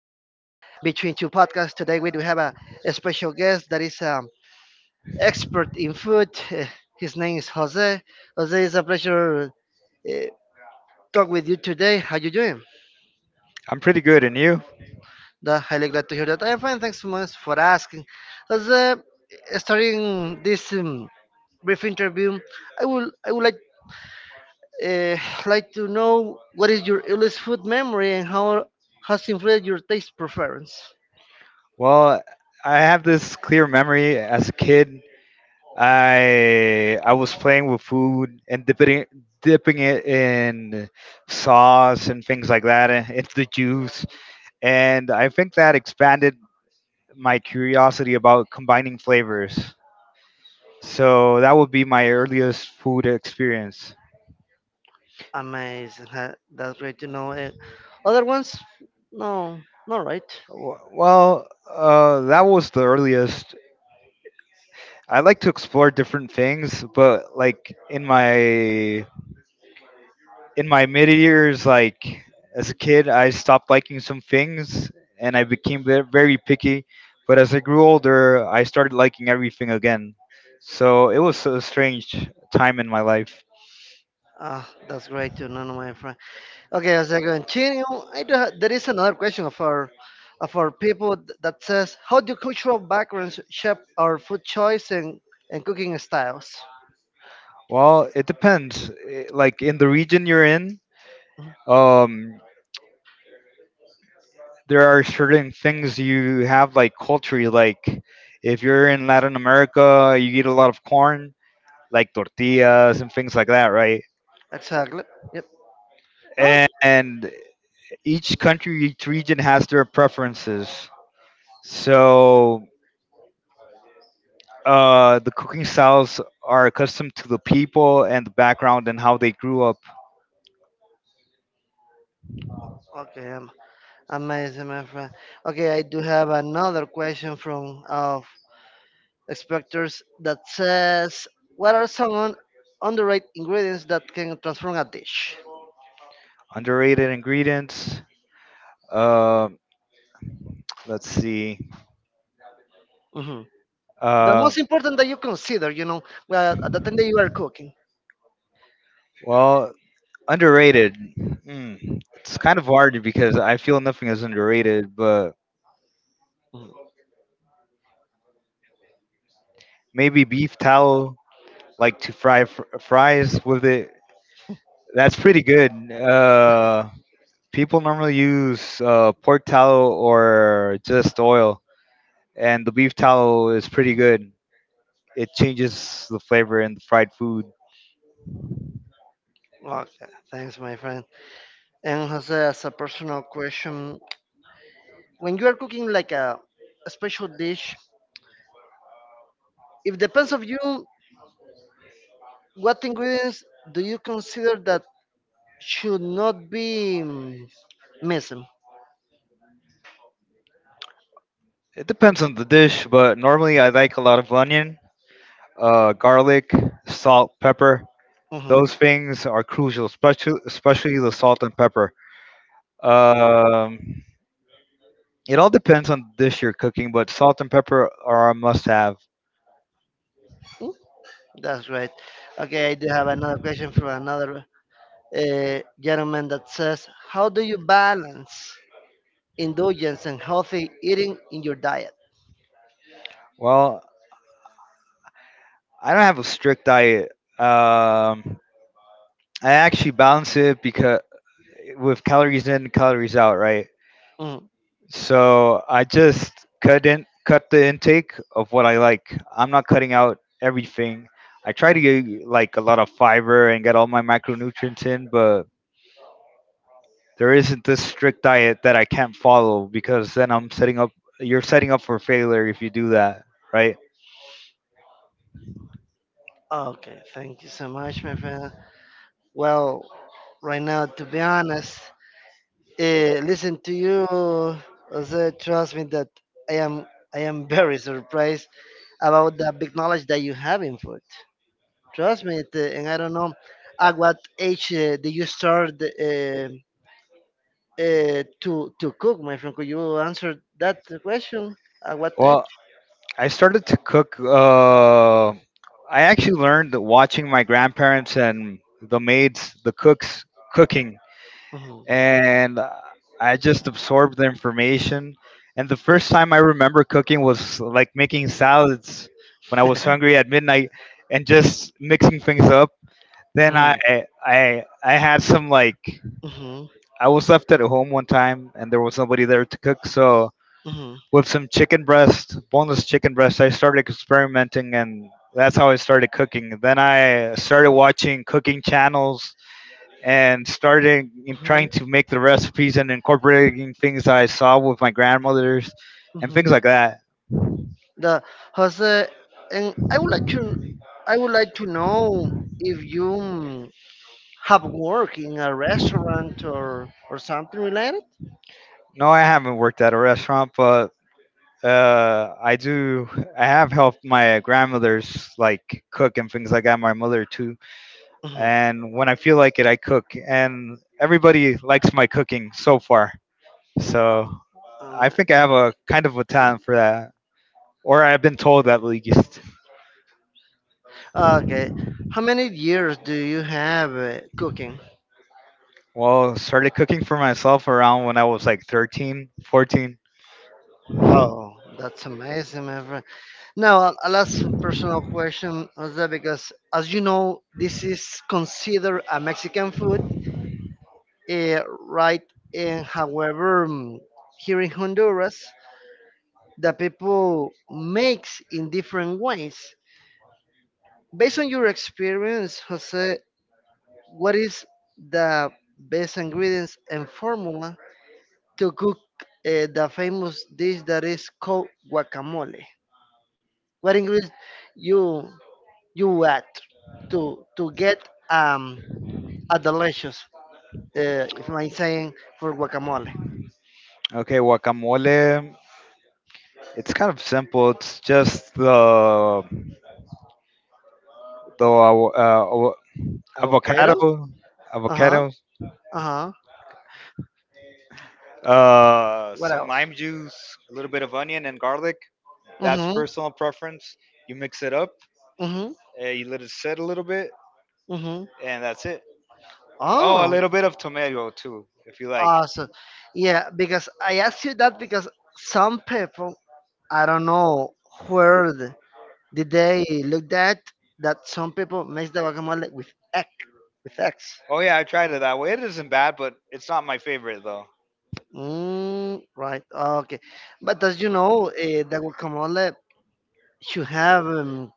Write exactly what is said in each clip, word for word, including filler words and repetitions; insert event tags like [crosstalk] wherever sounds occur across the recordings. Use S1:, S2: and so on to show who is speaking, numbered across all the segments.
S1: Between Two podcast. Today, we do have a, a special guest that is um, expert in food. [laughs] Eh, His name is Jose. Jose, it's a pleasure uh, talk with you today. How you doing?
S2: I'm pretty good, and you?
S1: That, highly glad to hear that. I'm fine. Thanks so much for asking. Jose, eh, starting this um, brief interview, I would I would like uh, like to know what is your earliest food memory and how has influenced your taste preference.
S2: Well, I have this clear memory as a kid. I I was playing with food and dipping it, dipping it in sauce and things like that and into the juice, and I think that expanded my curiosity about combining flavors. So that would be my earliest food experience.
S1: Amazing. huh, That's great to know. Eh, other ones? No, not right.
S2: W- Well, uh, that was the earliest. I like to explore different things, but like in my in my mid years, like as a kid, I stopped liking some things and I became ve- very picky. But as I grew older, I started liking everything again. So it was a strange time in my life.
S1: Ah, that's great to know, my friend. Okay, as I continue, I do ha- there is another question for, uh, for people th- that says, how do cultural backgrounds shape our food choice and, and cooking styles?
S2: Well, it depends. I- Like in the region you're in,
S1: Mhm.
S2: um, there are certain things you have like culturally. Like if you're in Latin America, you eat a lot of corn like tortillas and things like that, right?
S1: Exactly. Yep. Oh,
S2: And, and each country, each region has their preferences. So uh, the cooking styles are accustomed to the people and the background and how they grew up.
S1: okay. am- Amazing, my friend. Okay, I do have another question from uh, Expectors that says what are some un- underrated ingredients that can transform a dish.
S2: Underrated ingredients. Uh, let's see.
S1: Mhm. The
S2: Uh,
S1: most important that you consider, you know, well, at the time that you are cooking.
S2: well, underrated. Mm, it's kind of hard because I feel nothing is underrated, but
S1: Mhm.
S2: maybe beef tallow, like to fry fr- fries with it. That's pretty good. Uh, people normally use uh, pork tallow or just oil, and the beef tallow is pretty good. It changes the flavor in the fried food.
S1: Okay, thanks, my friend. And Jose, as a personal question, when you are cooking like a, a special dish, it depends of you what ingredients do you consider that should not be mm, missing.
S2: It depends on the dish, but normally I like a lot of onion, uh, garlic, salt, pepper.
S1: Mhm.
S2: Those things are crucial, especially especially the salt and pepper. Um, it all depends on the dish you're cooking, but salt and pepper are a must-have.
S1: That's right. Okay, I do have another question from another uh, gentleman that says, "How do you balance indulgence and healthy eating in your diet?"
S2: Well, I don't have a strict diet. Um, I actually balance it because with calories in, calories out, right?
S1: Mm,
S2: So I just couldn't cut the intake of what I like. I'm not cutting out everything. I try to
S1: mm.
S2: get like a lot of fiber and get all my macronutrients in, but there isn't this strict diet that I can't follow because then I'm setting up. You're setting up for failure if you do that, right?
S1: Okay, thank you so much, my friend. Well, right now, to be honest, uh, listen to you, Jose, trust me that I am I am very surprised about the big knowledge that you have in food. Trust me, it, uh, and I don't know at what age uh, did you start uh, uh, to to cook, my friend? Could you answer that question? At what
S2: Well.
S1: age?
S2: I started to cook. Uh, I actually learned that watching my grandparents and the maids, the cooks cooking,
S1: Mhm,
S2: and uh, I just absorbed the information. And the first time I remember cooking was like making salads when I was hungry at midnight and just mixing things up. Then
S1: mhm,
S2: I I I had some like
S1: mhm,
S2: I was left at home one time and there was nobody there to cook, so
S1: mhm,
S2: with some chicken breast, boneless chicken breast. I started experimenting, and that's how I started cooking. Then I started watching cooking channels and started in trying
S1: mhm,
S2: to make the recipes and incorporating things I saw with my grandmothers and
S1: mhm.
S2: things like that.
S1: The Jose, and I would like to, I would like to know if you mm, have worked in a restaurant or or something related.
S2: No, I haven't worked at a restaurant, but uh, I do. I have helped my grandmothers like cook and things like that. My mother too.
S1: Mhm.
S2: And when I feel like it, I cook. And everybody likes my cooking so far. So I
S1: Um,
S2: think I have a kind of a talent for that, or I've been told at least.
S1: okay. How many years do you have uh, cooking?
S2: Well, started cooking for myself around when I was like thirteen, fourteen.
S1: Wow, that's amazing, my friend. Now, a a last personal question is that because, as you know, this is considered a Mexican food, uh, right? And however, mm, here in Honduras, the people makes in different ways. Based on your experience, Jose, what is the best ingredients and formula to cook uh, the famous dish that is called guacamole. What ingredients you you add to to get um a delicious uh, if I'm saying for guacamole?
S2: Okay, guacamole. It's kind of simple. It's just the the uh, uh,
S1: Avocado.
S2: avocado,
S1: Uh huh.
S2: avocado,
S1: Uh huh.
S2: uh,
S1: What
S2: some
S1: else?
S2: lime juice, a little bit of onion and garlic. That's
S1: Mm-hmm.
S2: personal preference. You mix it up.
S1: Mm-hmm.
S2: Uh, you let it sit a little bit,
S1: Mm-hmm.
S2: and that's it. Oh, a
S1: Oh,
S2: little bit of tomato too, if you like.
S1: awesome. Yeah, because I asked you that because some people I don't know where the, did they look at that some people mix the guacamole with egg, with eggs?
S2: Oh yeah, I tried it that way. It isn't bad, but it's not my favorite though.
S1: Mm, right. Okay. But as you know, uh, the guacamole should have um,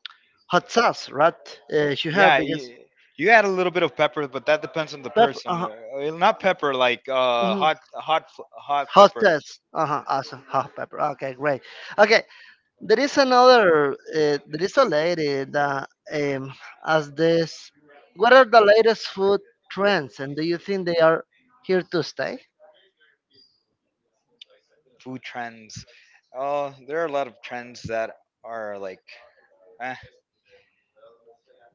S1: hot sauce, right? Uh, should have
S2: Yeah,
S1: because
S2: you, you add a little bit of pepper, but that depends on the
S1: pepper.
S2: person.
S1: Uh-huh.
S2: Uh, eh, Not pepper like uh
S1: Mhm.
S2: hot hot f- hot
S1: Hot
S2: pepper.
S1: sauce. Uh-huh. Awesome. Hot pepper. Okay. Great. Okay. There is another. Uh, there is a lady that um, as this. What are the latest food trends, and do you think they are here to stay?
S2: Food trends. Oh, there are a lot of trends that are like eh,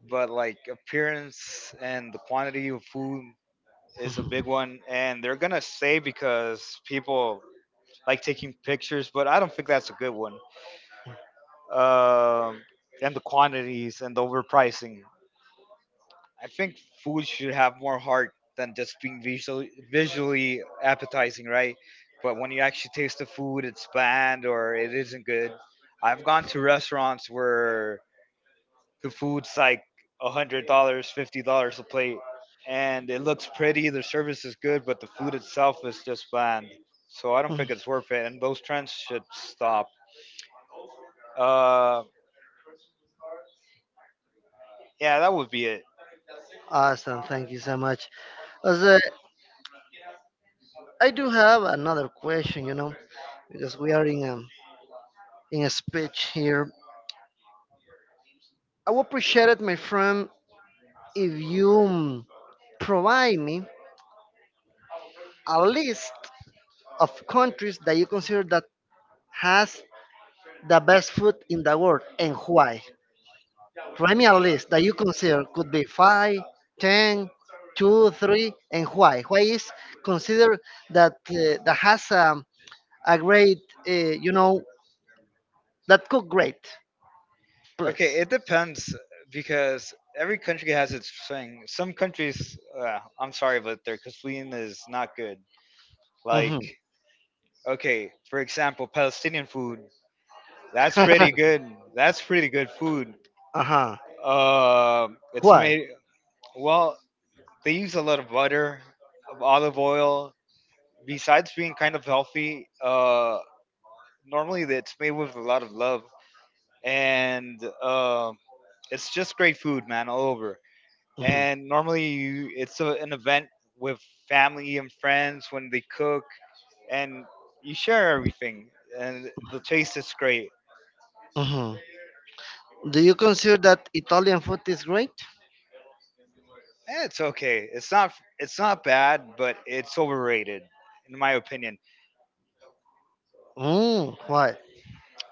S2: but like appearance and the quantity of food is a big one, and they're gonna say because people like taking pictures, but I don't think that's a good one. Um, and the quantities and the overpricing. I think food should have more heart than just being visually visually appetizing, right? But when you actually taste the food, it's bland or it isn't good. I've gone to restaurants where the food's like a hundred dollars, fifty dollars a plate, and it looks pretty. The service is good, but the food itself is just bland. So I don't
S1: Mm.
S2: think it's worth it, and those trends should stop. Uh, yeah, that would be it.
S1: Awesome. Thank you so much. As I, I do have another question, you know, because we are in a, in a speech here. I would appreciate it, my friend, if you mm, provide me a list of countries that you consider that has the best food in the world and why. Premier list that you consider could be five, ten, two, three, and why? Why is considered that uh, that has um, a great, uh, you know, that cook great,
S2: Okay,
S1: please.
S2: it depends because every country has its thing. Some countries, uh, I'm sorry, but their cuisine is not good.
S1: Hmm.
S2: Like, okay, for example, Palestinian food. That's pretty
S1: [laughs]
S2: good. That's pretty good food.
S1: Uh-huh.
S2: Um, it's
S1: Why?
S2: made well. They use a lot of butter, of olive oil. Besides being kind of healthy, uh, normally it's made with a lot of love, and um it's just great food, man, all over.
S1: Hmm.
S2: And normally you, it's a, an event with family and friends when they cook, and you share everything, and the taste is great.
S1: Hmm. Do you consider that Italian food is great?
S2: Eh, It's okay. It's not. It's not bad, but it's overrated, in my opinion.
S1: Mm, why?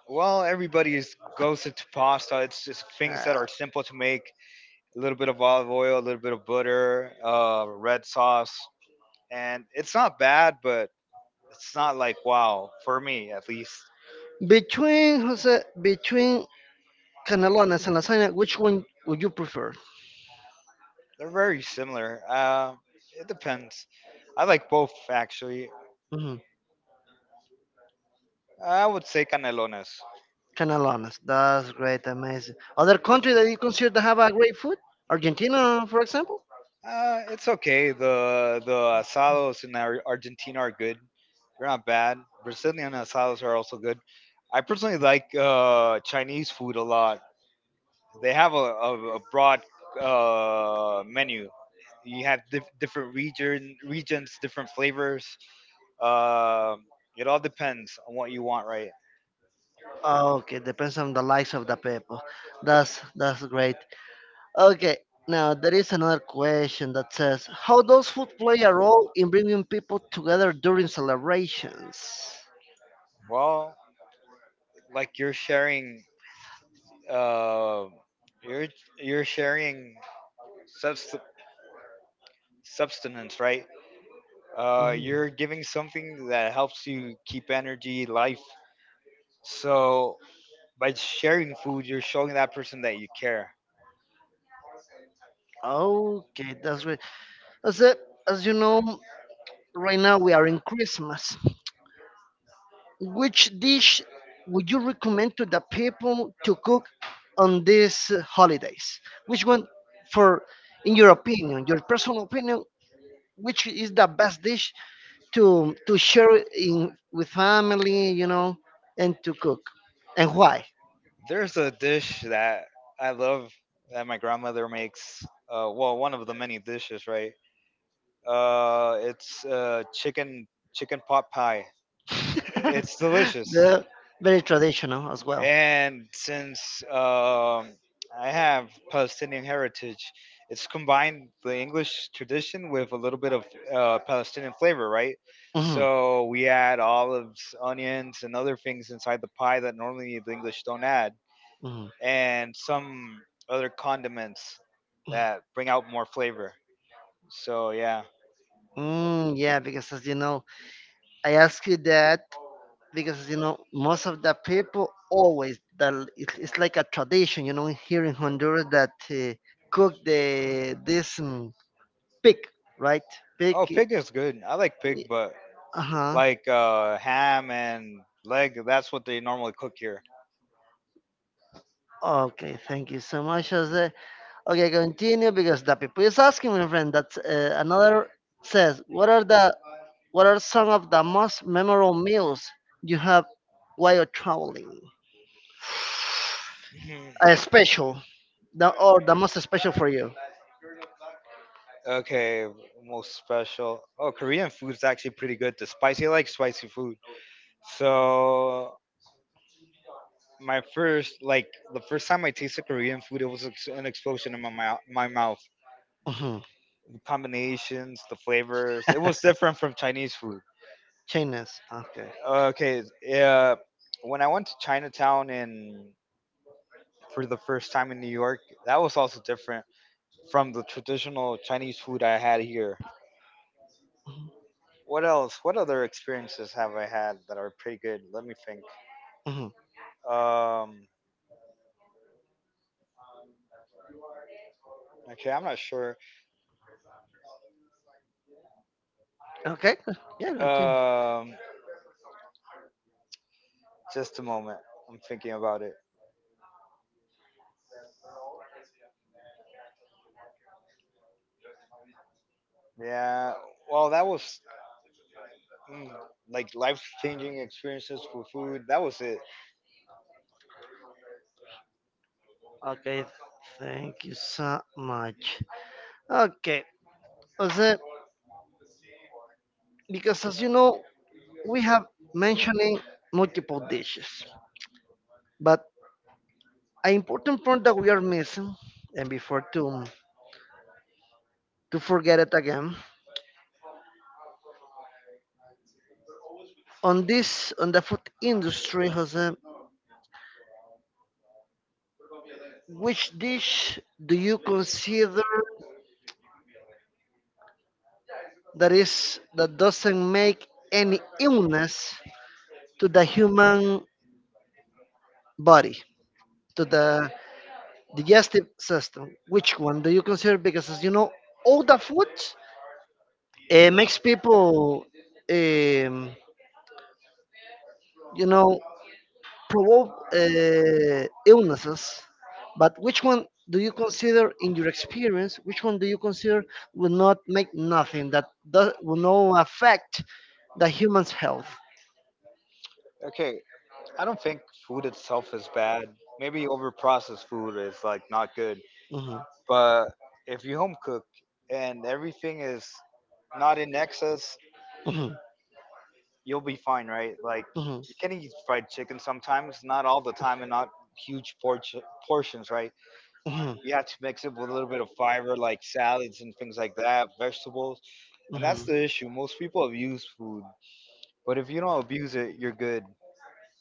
S2: Well, everybody's goes into pasta. It's just things
S1: Uh,
S2: that are simple to make. A little bit of olive oil, a little bit of butter, uh, red sauce, and it's not bad, but it's not like wow for me at least.
S1: between Jose, between cannelloni and lasagna, which one would you prefer?
S2: They're very similar. Uh, it depends. I like both actually. I would say canelones.
S1: Canelones. That's great, amazing. Other country that you consider to have a great food? Argentina, for example?
S2: Uh, it's okay. The the asados in Ar- Argentina are good. They're not bad. Brazilian asados are also good. I personally like uh, Chinese food a lot. They have a, a, a broad uh, menu. You have diff- different region regions, different flavors. Um, it all depends on what you want, right?
S1: Ah, okay, depends on the likes of the people. That's that's great. Okay, now there is another question that says, how does food play a role in bringing people together during celebrations?
S2: Well, like you're sharing, uh, you're you're sharing subst- substance, right? Uh,
S1: Mhm.
S2: you're giving something that helps you keep energy, life. So by sharing food, you're showing that person that you care.
S1: Okay, that's great. As, as you know, right now we are in Christmas. Which dish would you recommend to the people to cook on these uh, holidays? Which one, for in your opinion, your personal opinion, which is the best dish to to share in with family, you know, and to cook, and why?
S2: There's a dish that I love that my grandmother makes. Uh, well, one of the many dishes, right? Uh, it's uh, chicken chicken pot pie.
S1: [laughs]
S2: It's delicious.
S1: The very traditional as well.
S2: And since um, I have Palestinian heritage, it's combined the English tradition with a little bit of uh, Palestinian flavor, right?
S1: Mhm,
S2: So we add olives, onions, and other things inside the pie that normally the English don't add,
S1: mhm.
S2: and some other condiments that bring out more flavor. So yeah.
S1: Mm, yeah, because as you know, I asked you that because you know most of the people always that l- it's, it's like a tradition you know here in Honduras that uh, cook the this um, pig right pig
S2: Oh, pig is good. I like pig, but
S1: uh-huh
S2: like uh, ham and leg, that's what they normally cook here.
S1: okay thank you so much, Jose. Okay, continue because the people is asking my friend that's uh, another says what are the what are some of the most memorable meals you have while traveling
S2: [clears throat] Mhm.
S1: a special. The or the most special for you?
S2: Okay, most special. Oh, Korean food's actually pretty good. The spicy, I like spicy food. So my first, like the first time I tasted Korean food, it was ex- an explosion in my mouth. My mouth.
S1: Mm-hmm.
S2: The combinations, the flavors, it was different from Chinese food.
S1: Chinese. Okay.
S2: Okay. Yeah. When I went to Chinatown in for the first time in New York, that was also different from the traditional Chinese food I had here.
S1: Mm-hmm.
S2: What else? What other experiences have I had that are pretty good? Let me think.
S1: Mm-hmm.
S2: Um. Okay, I'm not sure.
S1: Okay. Yeah. Okay.
S2: Um. Just a moment. I'm thinking about it. Yeah. Well, that was mm, like life-changing experiences for food. That was it.
S1: Okay. Thank you so much. Okay. Jose, because as you know, we have mentioning multiple dishes, but an important point that we are missing, and before to to forget it again, on this on the food industry, Jose, which dish do you consider that is that doesn't make any illness to the human body, to the digestive system? Which one do you consider? Because as you know, all the food uh, makes people, um, you know, provoke uh, illnesses, but which one do you consider, in your experience, which one do you consider will not make nothing that does, will not affect the human's health?
S2: Okay. I don't think food itself is bad. Maybe overprocessed food is like not good.
S1: Mhm,
S2: But if you home cook and everything is not in excess,
S1: mhm,
S2: you'll be fine, right? Like
S1: mhm,
S2: you can eat fried chicken sometimes, not all the time and not huge por- portions, right? You have to mix it with a little bit of fiber like salads and things like that, vegetables.
S1: mhm,
S2: And that's the
S1: mhm.
S2: issue. Most people abuse food, but if you don't abuse it, you're good.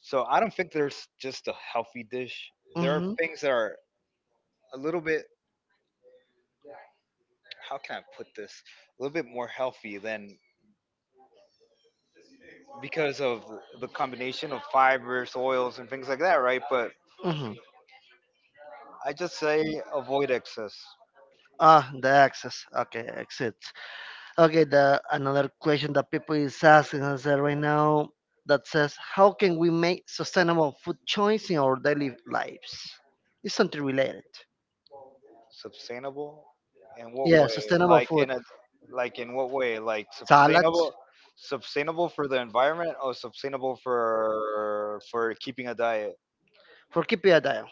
S2: So I don't think there's just a healthy dish. There are
S1: Hmm.
S2: things that are a little bit, how can I put this, a little bit more healthy than, because of the combination of fibers, oils, and things like that, right? But
S1: Hmm.
S2: I just say avoid excess.
S1: Ah, the access. Okay, exit. Okay, the another question that people is asking us uh, right now that says, how can we make sustainable food choice in our daily lives? It's something related.
S2: Sustainable in what
S1: Yeah,
S2: way?
S1: sustainable
S2: Like
S1: food,
S2: in a, like in what way? Like
S1: salads
S2: sustainable, sustainable for the environment or sustainable for for keeping a diet?
S1: for Kipia Daya.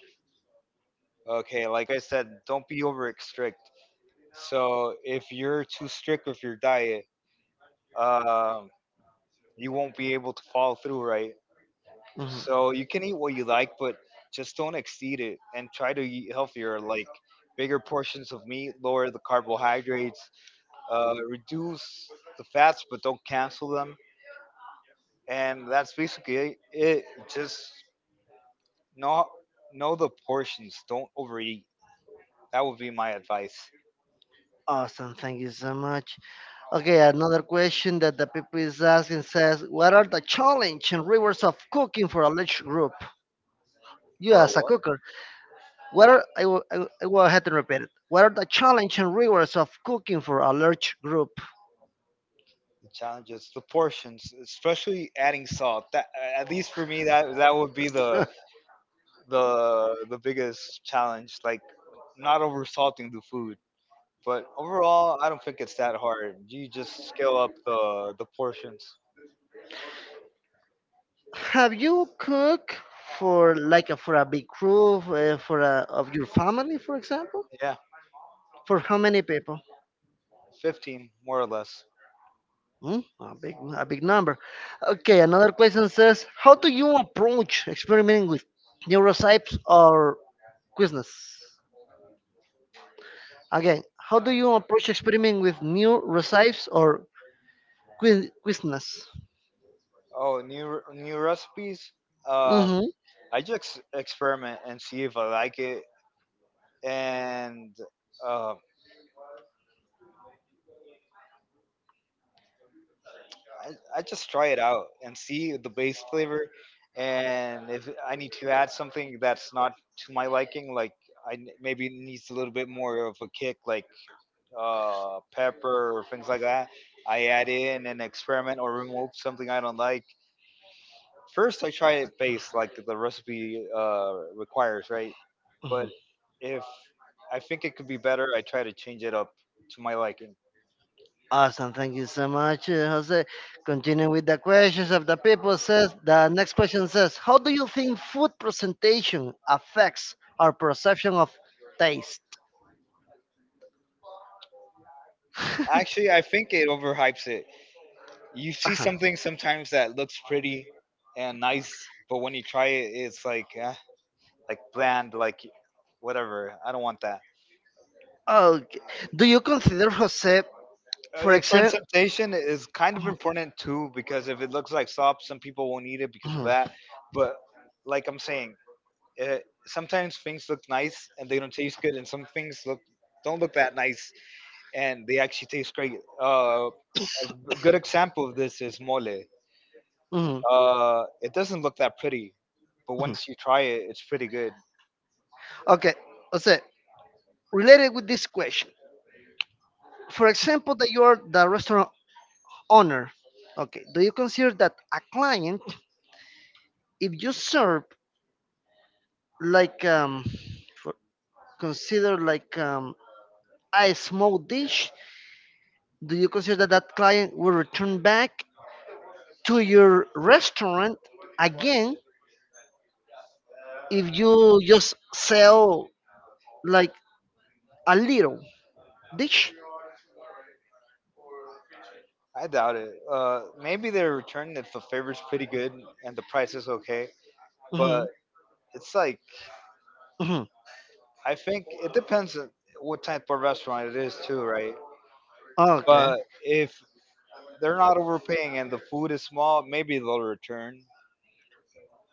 S2: Okay, like I said, don't be over strict. So if you're too strict with your diet, um you won't be able to follow through, right?
S1: Mhm.
S2: So you can eat what you like, but just don't exceed it and try to eat healthier, like bigger portions of meat, lower the carbohydrates, uh, reduce the fats, but don't cancel them. And that's basically it. Just know know the portions. Don't overeat. That would be my advice.
S1: Awesome, thank you so much. Okay, another question that the people is asking says, what are the challenge and rewards of cooking for a large group? You
S2: For a
S1: as a
S2: what?
S1: cooker, what are I will, I will I will ahead and repeat it. What are the challenge and rewards of cooking for a large group?
S2: The challenges, the portions, especially adding salt. That at least for me, that that would be the
S1: [laughs]
S2: the the biggest challenge. Like not over salting the food. But overall, I don't think it's that hard. You just scale up the the portions.
S1: Have you cooked for like a, for a big group uh, for a, of your family, for example?
S2: Yeah,
S1: For how many people?
S2: fifteen more or less.
S1: Hmm? A big a big number. Okay, another question says, how do you approach experimenting with neurotypes or quizness? Again, how do you approach experimenting with new recipes or quiz- quizness?
S2: Oh, new re- new recipes. Uh,
S1: Mm-hmm.
S2: I just experiment and see if I like it, and uh, I I just try it out and see the base flavor, and if I need to add something that's not to my liking, like I n- maybe it needs a little bit more of a kick, like uh, pepper or things like that. I add in and experiment or remove something I don't like. First, I try it based like the recipe uh, requires, right?
S1: Mm-hmm.
S2: But if I think it could be better, I try to change it up to my liking.
S1: Awesome. Thank you so much, uh, Jose. Continuing with the questions of the people says the next question says, how do you think food presentation affects our perception of taste?
S2: Actually,
S1: [laughs]
S2: I think it overhypes it. You see
S1: Uh-huh.
S2: something sometimes that looks pretty and nice, but when you try it, it's like eh, like bland, like whatever. I don't want that.
S1: Okay. Do you consider Jose, for
S2: A
S1: example?
S2: presentation is kind of important too because if it looks like slop, some people won't eat it because of
S1: Mhm,
S2: that. But like I'm saying, uh sometimes things look nice and they don't taste good, and some things look don't look that nice and they actually taste great. Uh, a good example of this is mole.
S1: mhm,
S2: Uh, it doesn't look that pretty, but
S1: mhm.
S2: once you try it, it's pretty good.
S1: Okay, Jose, related with this question. For example, that you are the restaurant honor. Okay, do you consider that a client, if you serve like um, for, consider like um, a small dish, do you consider that that client will return back to your restaurant again if you just sell like a little dish?
S2: I doubt it. Uh, maybe they return if the flavor's pretty good and the price is okay,
S1: Hmm.
S2: but it's like
S1: Hmm.
S2: I think it depends on what type of restaurant it is too, right?
S1: Okay,
S2: But if they're not overpaying and the food is small, maybe they'll return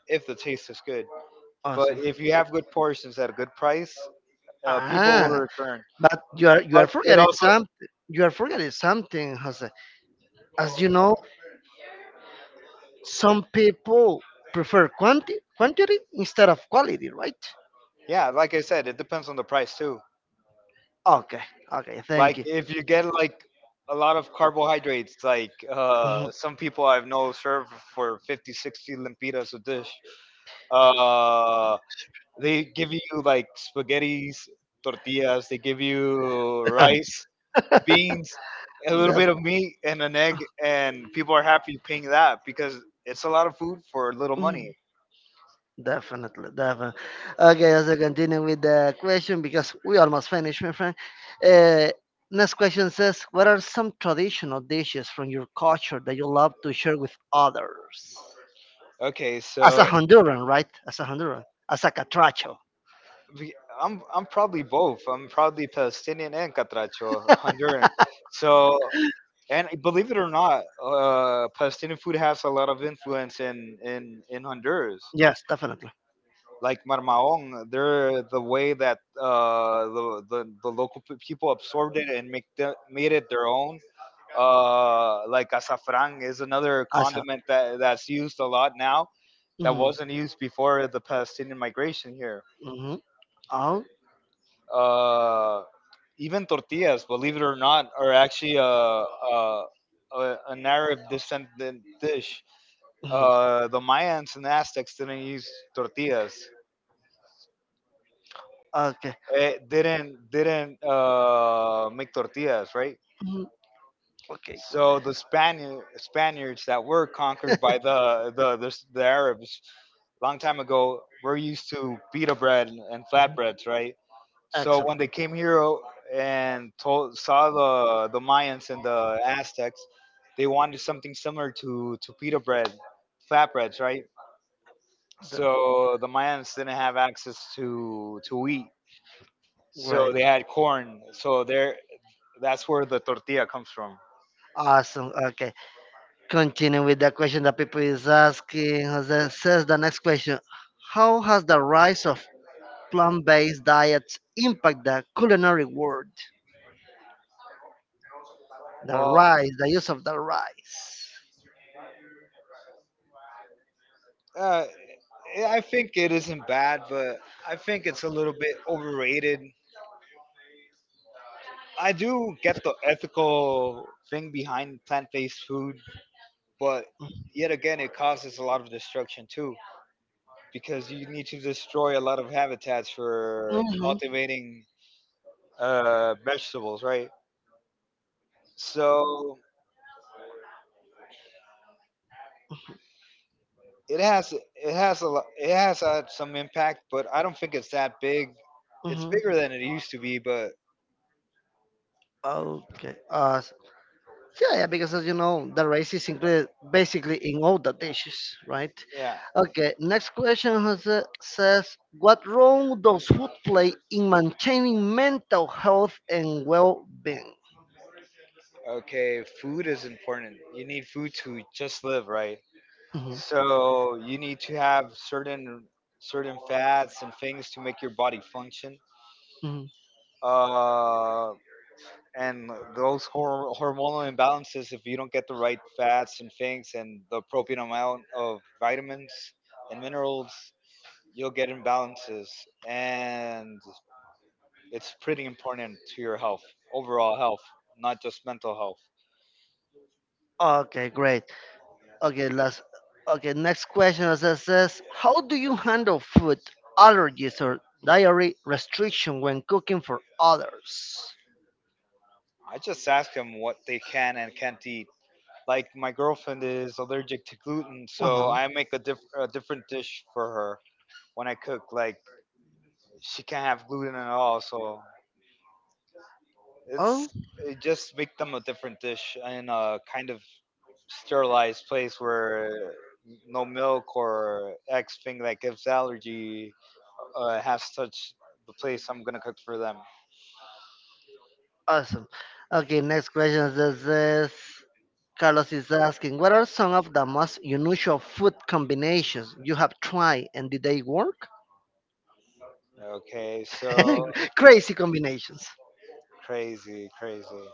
S2: if the taste is good. But
S1: awesome.
S2: if you have good portions at a good price, uh, people will
S1: Ah,
S2: return.
S1: but you are you are
S2: But it
S1: forgetting
S2: also,
S1: something. You are forgetting something, Jose. As you know, some people prefer quanti- quantity instead of quality, right?
S2: yeah, like I said, it depends on the price too.
S1: Okay, okay, thank
S2: Like
S1: you.
S2: if you get like a lot of carbohydrates, like
S1: Mhm.
S2: uh, some people I've know serve for fifty, sixty 60 lempiras a dish. Uh, They give you like spaghettis, tortillas. They give you
S1: [laughs]
S2: rice, beans, a little
S1: Def-
S2: bit of meat, and an egg, and people are happy paying that because it's a lot of food for little
S1: mm,
S2: money.
S1: Definitely, definitely. Okay, as I continue with the question because we almost finished, my friend. Uh, next question says, "What are some traditional dishes from your culture that you love to share with others?"
S2: Okay,
S1: As a
S2: so
S1: Honduran, right? As a Honduran, as a catracho.
S2: we- I'm I'm probably both. I'm probably Palestinian and Catracho, Honduran. So, and believe it or not, uh, Palestinian food has a lot of influence in in in Honduras.
S1: Yes, definitely.
S2: Like Marmaon, they're the way that uh, the, the the local pe- people absorbed it and make the, made it their own. Uh, like azafran is another
S1: As a.
S2: condiment that that's used a lot now that wasn't
S1: Mhm.
S2: used before the Palestinian migration here.
S1: Mm-hmm. Oh.
S2: Uh, even tortillas, believe it or not, are actually a a, a an Arab descendant dish.
S1: Mhm.
S2: Uh, the Mayans and Aztecs didn't use tortillas
S1: Okay.
S2: eh, didn't didn't uh, make tortillas, right?
S1: Hmm. Okay.
S2: So
S1: Great.
S2: the Spaniard, Spaniards that were conquered by the the, the the Arabs long time ago were used to pita bread and flatbreads, right? So when
S1: Excellent.
S2: they came here oh, and told, saw the the Mayans and the Aztecs, they wanted something similar to to pita bread, flatbreads, right?
S1: The-
S2: So the Mayans didn't have access to to wheat, so
S1: Great.
S2: they had corn. So their That's where the tortilla comes from.
S1: Awesome. Okay. Continue with the question that people is asking. Jose says the next question. How has the rise of plant-based diets impact the culinary world? The
S2: Well,
S1: rise, the use of the rice.
S2: uh, yeah, I think it isn't bad, but I think it's a little bit overrated. I do get the ethical thing behind plant-based food, but yet again, it causes a lot of destruction too, because you need to destroy a lot of habitats for
S1: Mm-hmm.
S2: cultivating uh, vegetables, right? So it has it has a lo- it has had some impact, but I don't think it's that big. It's
S1: Mm-hmm.
S2: bigger than it used to be, but
S1: Okay. Awesome. Yeah, yeah, because as you know, the rice is included basically in all the dishes, right?
S2: yeah.
S1: Okay, next question has, uh, says, what role does food play in maintaining mental health and well-being?
S2: Okay. Food is important. You need food to just live, right?
S1: Mhm,
S2: So you need to have certain certain fats and things to make your body function.
S1: mhm.
S2: Uh, and those hor- hormonal imbalances, if you don't get the right fats and things and the appropriate amount of vitamins and minerals, you'll get imbalances. And it's pretty important to your health, overall health, not just mental health.
S1: Okay, great. Okay, last. Okay, next question says, says, how do you handle food allergies or dietary restriction when cooking for others?
S2: I just ask them what they can and can't eat. Like my girlfriend is allergic to gluten,
S1: Uh
S2: so
S1: huh.
S2: I make a, diff- a different dish for her when I cook. Like she can't have gluten at all, so it's
S1: Oh,
S2: it just make them a different dish in a kind of sterilized place where uh, no milk or X thing that gives allergy uh, has touched the place I'm gonna cook for them.
S1: awesome. Okay, next question. This is Carlos is asking, what are some of the most unusual food combinations you have tried and did they work?
S2: Okay, so
S1: [laughs] Crazy combinations.
S2: crazy, crazy.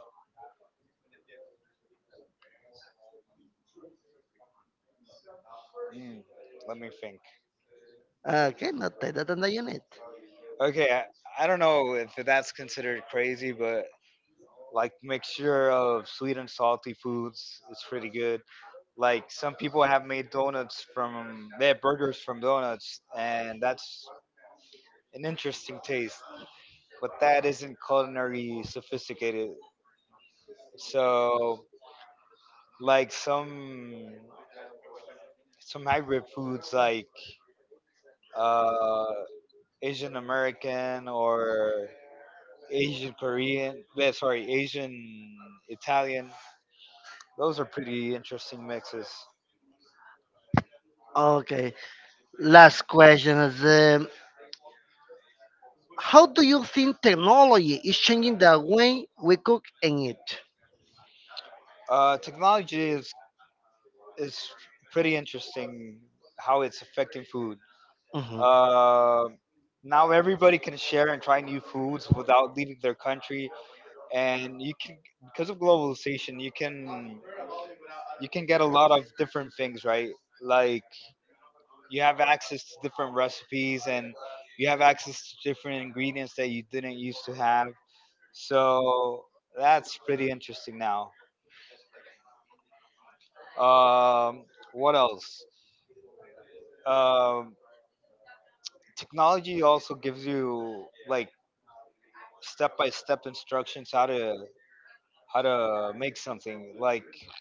S2: Mm, let me think.
S1: Okay, not take that on the unit.
S2: Okay, I, I don't know if that's considered crazy, but like mixture of sweet and salty foods is pretty good. Like some people have made donuts from they have burgers from donuts, and that's an interesting taste. But that isn't culinary sophisticated. So like some some hybrid foods like uh, Asian American or Asian Korean, yeah, sorry, Asian Italian. Those are pretty interesting mixes.
S1: Okay, last question is, um, how do you think technology is changing the way we cook and eat?
S2: Uh, technology is is pretty interesting how it's affecting food.
S1: Mhm.
S2: Uh, now everybody can share and try new foods without leaving their country, and you can because of globalization, you can you can get a lot of different things, right? Like you have access to different recipes and you have access to different ingredients that you didn't used to have. So that's pretty interesting now. Um, what else? Um, technology also gives you like step by step instructions how to how to make something. Like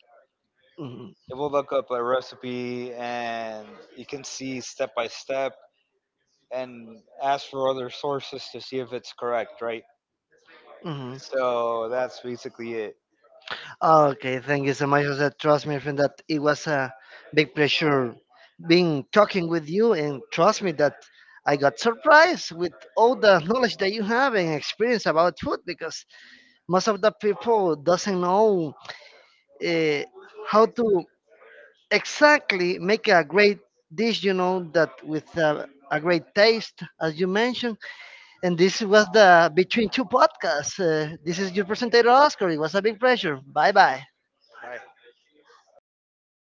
S1: Hmm.
S2: it will look up a recipe and you can see step by step and ask for other sources to see if it's correct, right?
S1: Hmm.
S2: So that's basically it.
S1: Okay, thank you so much, Jose. Trust me, friend, that it was a big pleasure being talking with you, and trust me that I got surprised with all the knowledge that you have and experience about food because most of the people doesn't know uh, how to exactly, make a great dish, you know, that with a, a great taste, as you mentioned. And this was the Between Two Podcasts. Uh, this is your presenter, Oscar. It was a big pleasure. Bye bye.